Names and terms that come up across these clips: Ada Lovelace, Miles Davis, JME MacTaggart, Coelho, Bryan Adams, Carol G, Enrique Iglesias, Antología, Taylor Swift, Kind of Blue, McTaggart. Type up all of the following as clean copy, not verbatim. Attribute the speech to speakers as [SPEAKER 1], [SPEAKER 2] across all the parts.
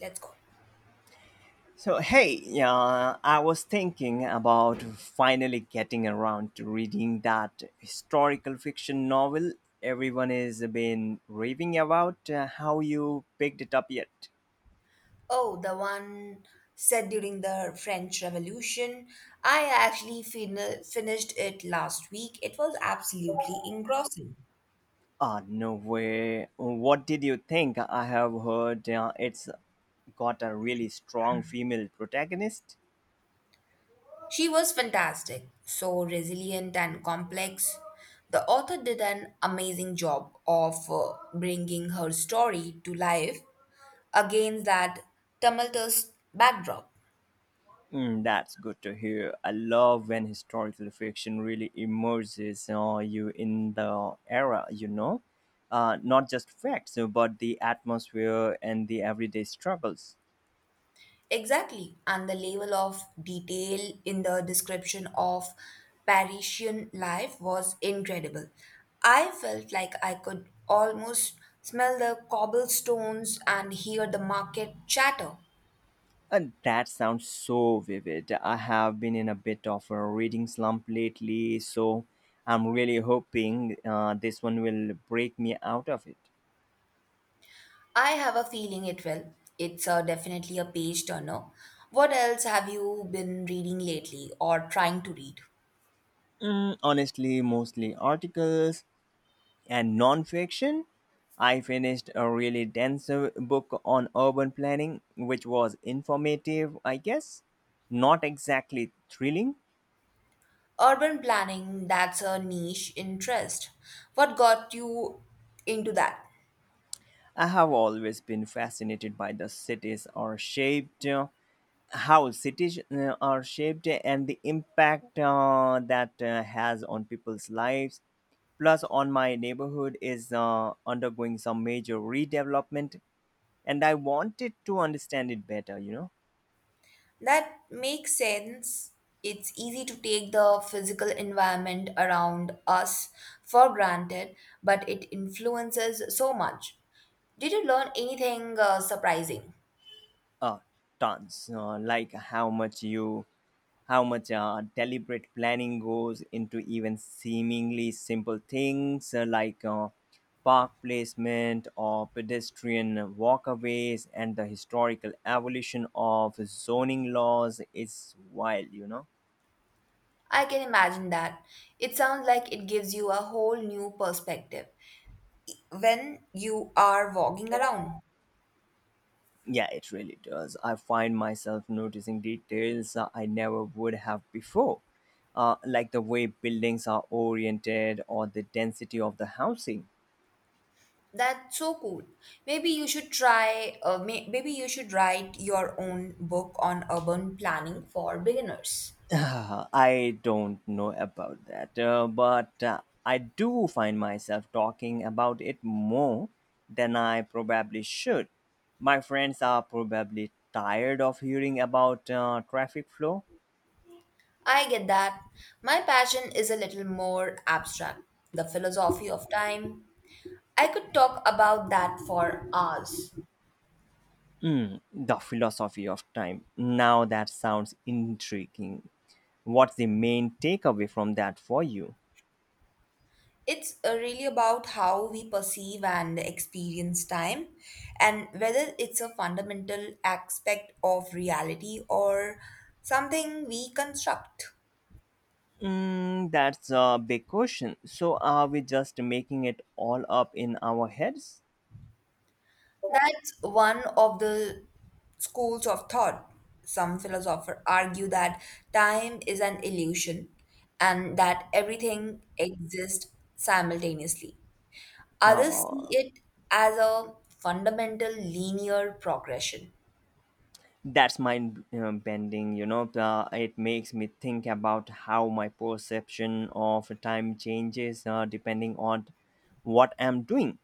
[SPEAKER 1] Let's go.
[SPEAKER 2] So, hey, I was thinking about finally getting around to reading that historical fiction novel everyone has been raving about. How you picked it up yet?
[SPEAKER 1] Oh, the one set during the French Revolution. I actually finished it last week. It was absolutely engrossing.
[SPEAKER 2] Ah, no way. What did you think? I have heard it's got a really strong female protagonist.
[SPEAKER 1] She was fantastic, so resilient and complex. The author did an amazing job of bringing her story to life against that tumultuous backdrop.
[SPEAKER 2] Mm, that's good to hear. I love when historical fiction really immerses you in the era, you know? Not just facts, but the atmosphere and the everyday struggles.
[SPEAKER 1] Exactly, and the level of detail in the description of Parisian life was incredible. I felt like I could almost smell the cobblestones and hear the market chatter.
[SPEAKER 2] And that sounds so vivid. I have been in a bit of a reading slump lately, so I'm really hoping this one will break me out of it.
[SPEAKER 1] I have a feeling it will. It's definitely a page turner. What else have you been reading lately or trying to read?
[SPEAKER 2] Mm, honestly, mostly articles and nonfiction. I finished a really dense book on urban planning, which was informative, I guess, not exactly thrilling.
[SPEAKER 1] Urban planning, that's a niche interest. What got you into that?
[SPEAKER 2] I have always been fascinated by the cities are shaped, How cities are shaped, and the impact that has on people's lives. Plus, on my neighborhood is undergoing some major redevelopment, and I wanted to understand it better, you know.
[SPEAKER 1] That makes sense. It's easy to take the physical environment around us for granted, but it influences so much. Did you learn anything surprising?
[SPEAKER 2] uh, Tons, like how much deliberate planning goes into even seemingly simple things like park placement or pedestrian walkways. And the historical evolution of zoning laws is wild, you know.
[SPEAKER 1] I can imagine that. It sounds like it gives you a whole new perspective when you are walking around.
[SPEAKER 2] Yeah, it really does. I find myself noticing details I never would have before, like the way buildings are oriented or the density of the housing.
[SPEAKER 1] That's so cool. Maybe you should try, maybe you should write your own book on urban planning for beginners.
[SPEAKER 2] Ah, I don't know about that, but I do find myself talking about it more than I probably should. My friends are probably tired of hearing about traffic flow.
[SPEAKER 1] I get that. My passion is a little more abstract, the philosophy of time. I could talk about that for hours.
[SPEAKER 2] Mm, the philosophy of time. Now that sounds intriguing. What's the main takeaway from that for you?
[SPEAKER 1] It's really about how we perceive and experience time and whether it's a fundamental aspect of reality or something we construct.
[SPEAKER 2] Mm, that's a big question. So, are we just making it all up in our heads?
[SPEAKER 1] That's one of the schools of thought. Some philosophers argue that time is an illusion and that everything exists simultaneously. Others see
[SPEAKER 2] Uh,
[SPEAKER 1] it as a fundamental linear progression.
[SPEAKER 2] that's mind bending you know. It makes me think about how my perception of time changes depending on what I'm doing.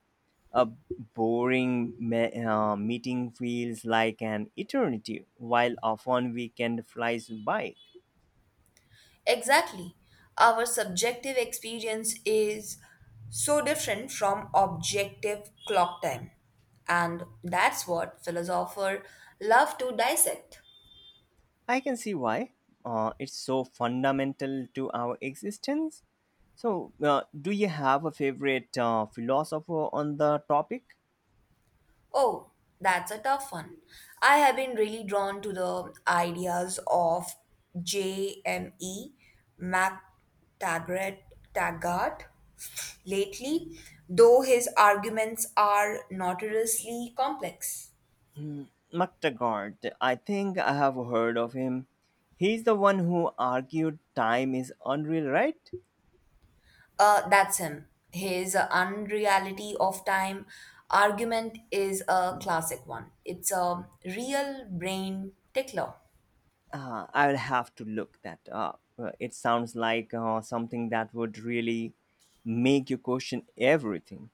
[SPEAKER 2] A boring meeting feels like an eternity while a fun weekend flies by.
[SPEAKER 1] Exactly. Our subjective experience is so different from objective clock time. And that's what philosophers love to dissect.
[SPEAKER 2] I can see why. It's so fundamental to our existence. So do you have a favorite philosopher on the topic?
[SPEAKER 1] Oh, that's a tough one. I have been really drawn to the ideas of JME MacTaggart Taggart lately, though his arguments are notoriously complex.
[SPEAKER 2] McTaggart. I think I have heard of him. He's the one who argued time is unreal, right?
[SPEAKER 1] That's him. His unreality of time argument is a classic one. It's a real brain tickler.
[SPEAKER 2] I'll have to look that up. It sounds like something that would really make you question everything.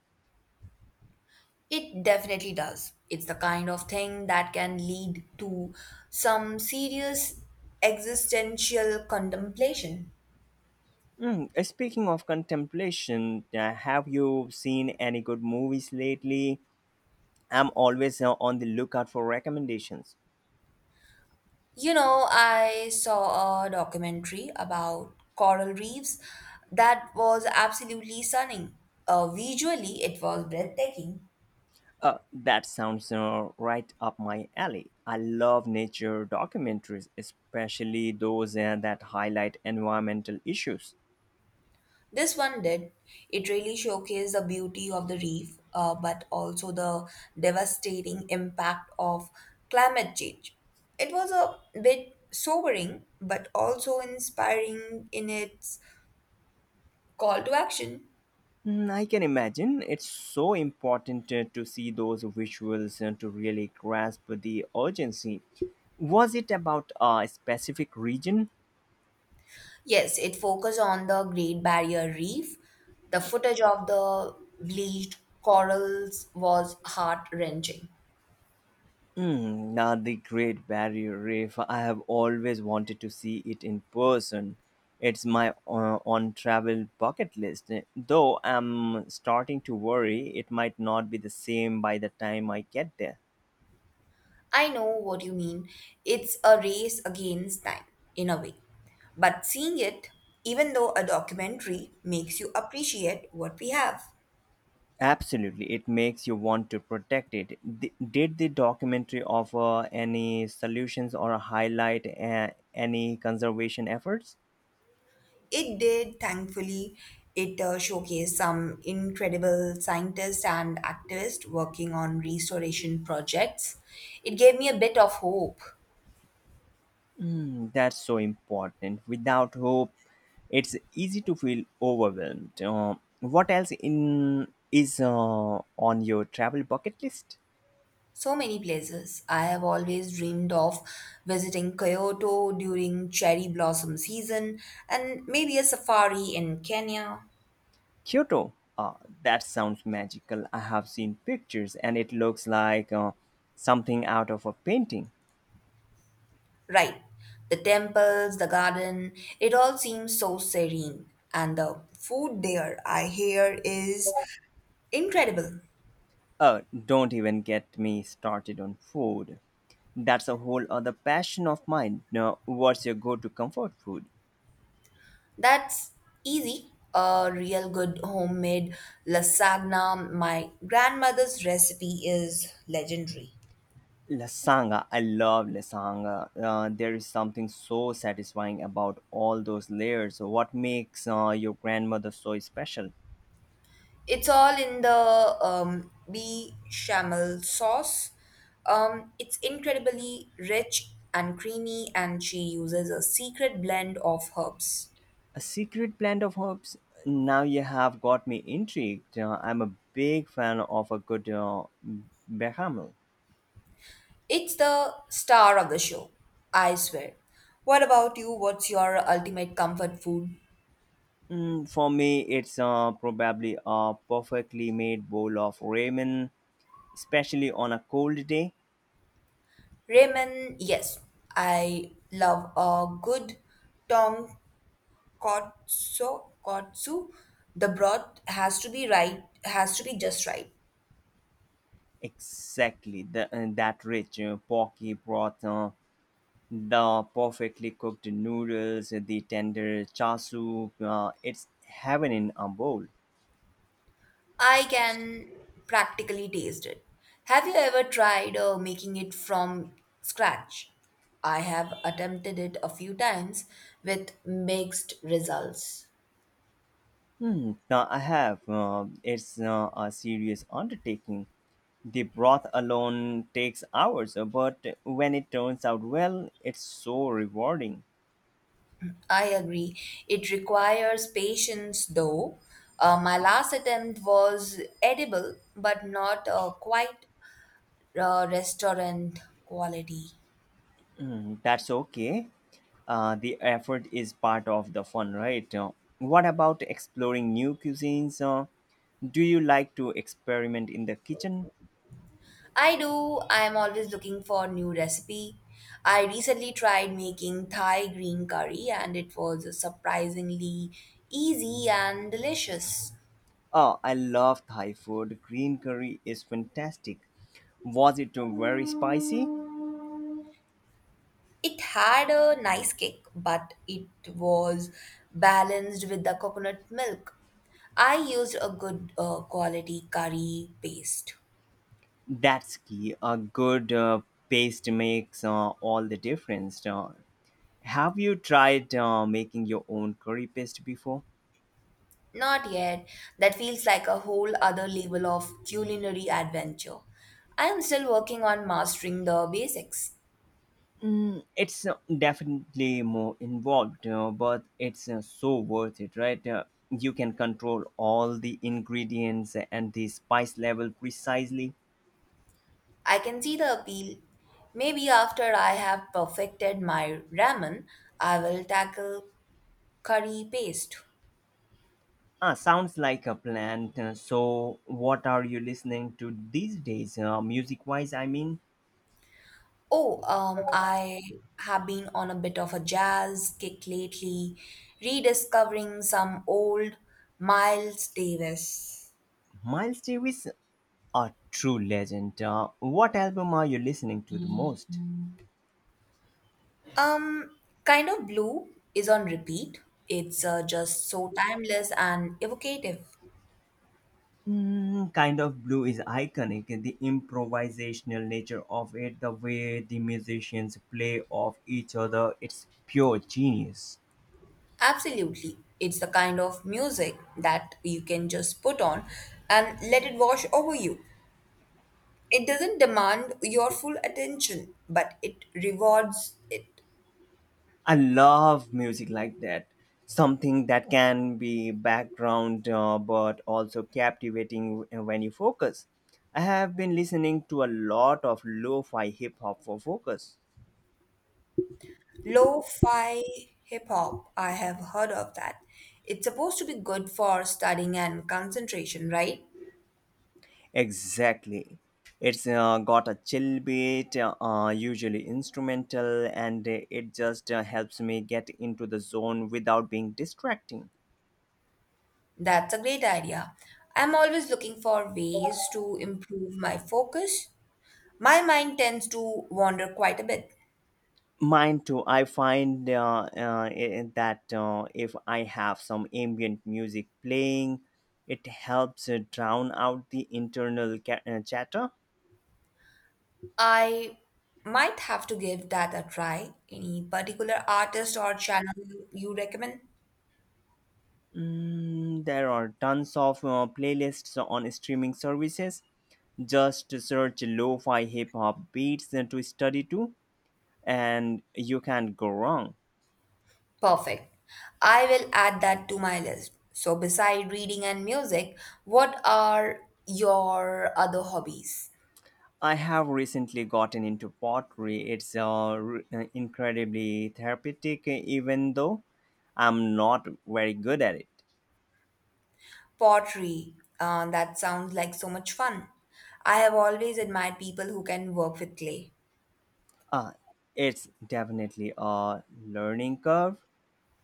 [SPEAKER 1] It definitely does. It's the kind of thing that can lead to some serious existential contemplation.
[SPEAKER 2] Speaking of contemplation, have you seen any good movies lately? I'm always on the lookout for recommendations.
[SPEAKER 1] You know, I saw a documentary about coral reefs that was absolutely stunning. Visually, it was breathtaking.
[SPEAKER 2] That sounds right up my alley. I love nature documentaries, especially those that highlight environmental issues.
[SPEAKER 1] This one did. It really showcased the beauty of the reef, but also the devastating impact of climate change. It was a bit sobering, but also inspiring in its call to action.
[SPEAKER 2] Mm, I can imagine. It's so important to see those visuals and to really grasp the urgency. Was it about a specific region?
[SPEAKER 1] Yes, it focused on the Great Barrier Reef. The footage of the bleached corals was heart wrenching.
[SPEAKER 2] Hmm, now the Great Barrier Reef. I have always wanted to see it in person. It's my on travel bucket list. Though I'm starting to worry it might not be the same by the time I get there.
[SPEAKER 1] I know what you mean. It's a race against time, in a way. But seeing it, even though a documentary makes you appreciate what we have,
[SPEAKER 2] Absolutely, it makes you want to protect it. Did the documentary offer any solutions or highlight any conservation efforts?
[SPEAKER 1] it did, thankfully. It showcased some incredible scientists and activists working on restoration projects. It gave me a bit of hope.
[SPEAKER 2] Hmm, that's so important. Without hope, it's easy to feel overwhelmed. What else in is on your travel bucket list?
[SPEAKER 1] So many places. I have always dreamed of visiting Kyoto during cherry blossom season and maybe a safari in Kenya.
[SPEAKER 2] Kyoto. Uh, that sounds magical. I have seen pictures, and it looks like something out of a painting.
[SPEAKER 1] Right. The temples, the garden, it all seems so serene. And the food there, I hear, is incredible.
[SPEAKER 2] Uh, don't even get me started on food. That's a whole other passion of mine. Now, what's your go-to comfort food?
[SPEAKER 1] That's easy. A real good homemade lasagna. My grandmother's recipe is legendary.
[SPEAKER 2] Lasanga, I love lasanga. There is something so satisfying about all those layers. So what makes your grandmother so special?
[SPEAKER 1] It's all in the bechamel sauce. It's incredibly rich and creamy, and she uses a secret blend of herbs.
[SPEAKER 2] A secret blend of herbs. Now you have got me intrigued. I'm a big fan of a good bechamel.
[SPEAKER 1] It's the star of the show, I swear. What about you? What's your ultimate comfort food?
[SPEAKER 2] Mm, for me, it's probably a perfectly made bowl of ramen, especially on a cold day.
[SPEAKER 1] Ramen, yes. I love a good tonkotsu. Kotsu. The broth has to be right, has to be just right.
[SPEAKER 2] Exactly, that rich porky broth, the perfectly cooked noodles, the tender chasu. It's heaven in a bowl.
[SPEAKER 1] I can practically taste it. Have you ever tried making it from scratch? I have attempted it a few times with mixed results.
[SPEAKER 2] Hmm, now I have. It's a serious undertaking. The broth alone takes hours, but when it turns out well, it's so rewarding.
[SPEAKER 1] I agree. It requires patience, though. My last attempt was edible, but not quite restaurant quality.
[SPEAKER 2] Mm, that's okay. The effort is part of the fun, right? What about exploring new cuisines? Do you like to experiment in the kitchen?
[SPEAKER 1] I do. I am always looking for new recipe. I recently tried making Thai green curry, and it was surprisingly easy and delicious.
[SPEAKER 2] Oh, I love Thai food. Green curry is fantastic. Was it very spicy?
[SPEAKER 1] It had a nice kick, but it was balanced with the coconut milk. I used a good quality curry paste.
[SPEAKER 2] That's key. A good paste makes all the difference. Have you tried making your own curry paste before?
[SPEAKER 1] Not yet. That feels like a whole other level of culinary adventure. I am still working on mastering the basics.
[SPEAKER 2] It's definitely more involved, but it's so worth it, right? You can control all the ingredients and the spice level precisely.
[SPEAKER 1] I can see the appeal. Maybe after I have perfected my ramen, I will tackle curry paste.
[SPEAKER 2] Ah, sounds like a plan. So, what are you listening to these days, music-wise? I mean,
[SPEAKER 1] Oh, I have been on a bit of a jazz kick lately, rediscovering some old Miles Davis.
[SPEAKER 2] Miles Davis, a true legend. What album are you listening to the most?
[SPEAKER 1] Um, Kind of Blue is on repeat. It's just so timeless and evocative.
[SPEAKER 2] Mm, Kind of Blue is iconic. The improvisational nature of it, the way the musicians play off each other, it's pure genius.
[SPEAKER 1] Absolutely. It's the kind of music that you can just put on and let it wash over you. It doesn't demand your full attention, but it rewards it.
[SPEAKER 2] I love music like that. Something that can be background but also captivating when you focus. I have been listening to a lot of lo fi hip hop for focus.
[SPEAKER 1] Lo-fi hip hop, I have heard of that. It's supposed to be good for studying and concentration, right?
[SPEAKER 2] Exactly. It's got a chill beat, usually instrumental, and it just helps me get into the zone without being distracting.
[SPEAKER 1] That's a great idea. I'm always looking for ways to improve my focus. My mind tends to wander quite a bit.
[SPEAKER 2] Mine too. I find that if I have some ambient music playing, it helps drown out the internal chatter.
[SPEAKER 1] I might have to give that a try. Any particular artist or channel you recommend?
[SPEAKER 2] Mm, there are tons of playlists on streaming services. Just search lo fi hip hop beats to study to, and you can't go wrong.
[SPEAKER 1] Perfect. I will add that to my list. So, beside reading and music, what are your other hobbies?
[SPEAKER 2] I have recently gotten into pottery. It's incredibly therapeutic, even though I'm not very good at it.
[SPEAKER 1] Pottery. That sounds like so much fun. I have always admired people who can work with clay.
[SPEAKER 2] Uh, it's definitely a learning curve.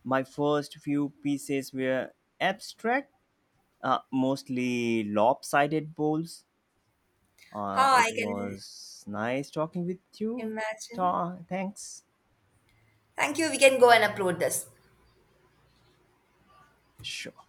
[SPEAKER 2] My first few pieces were abstract, mostly lopsided bowls.
[SPEAKER 1] How
[SPEAKER 2] It
[SPEAKER 1] I can
[SPEAKER 2] was nice talking with you.
[SPEAKER 1] imagine.
[SPEAKER 2] Thanks.
[SPEAKER 1] Thank you. We can go and upload this.
[SPEAKER 2] Sure.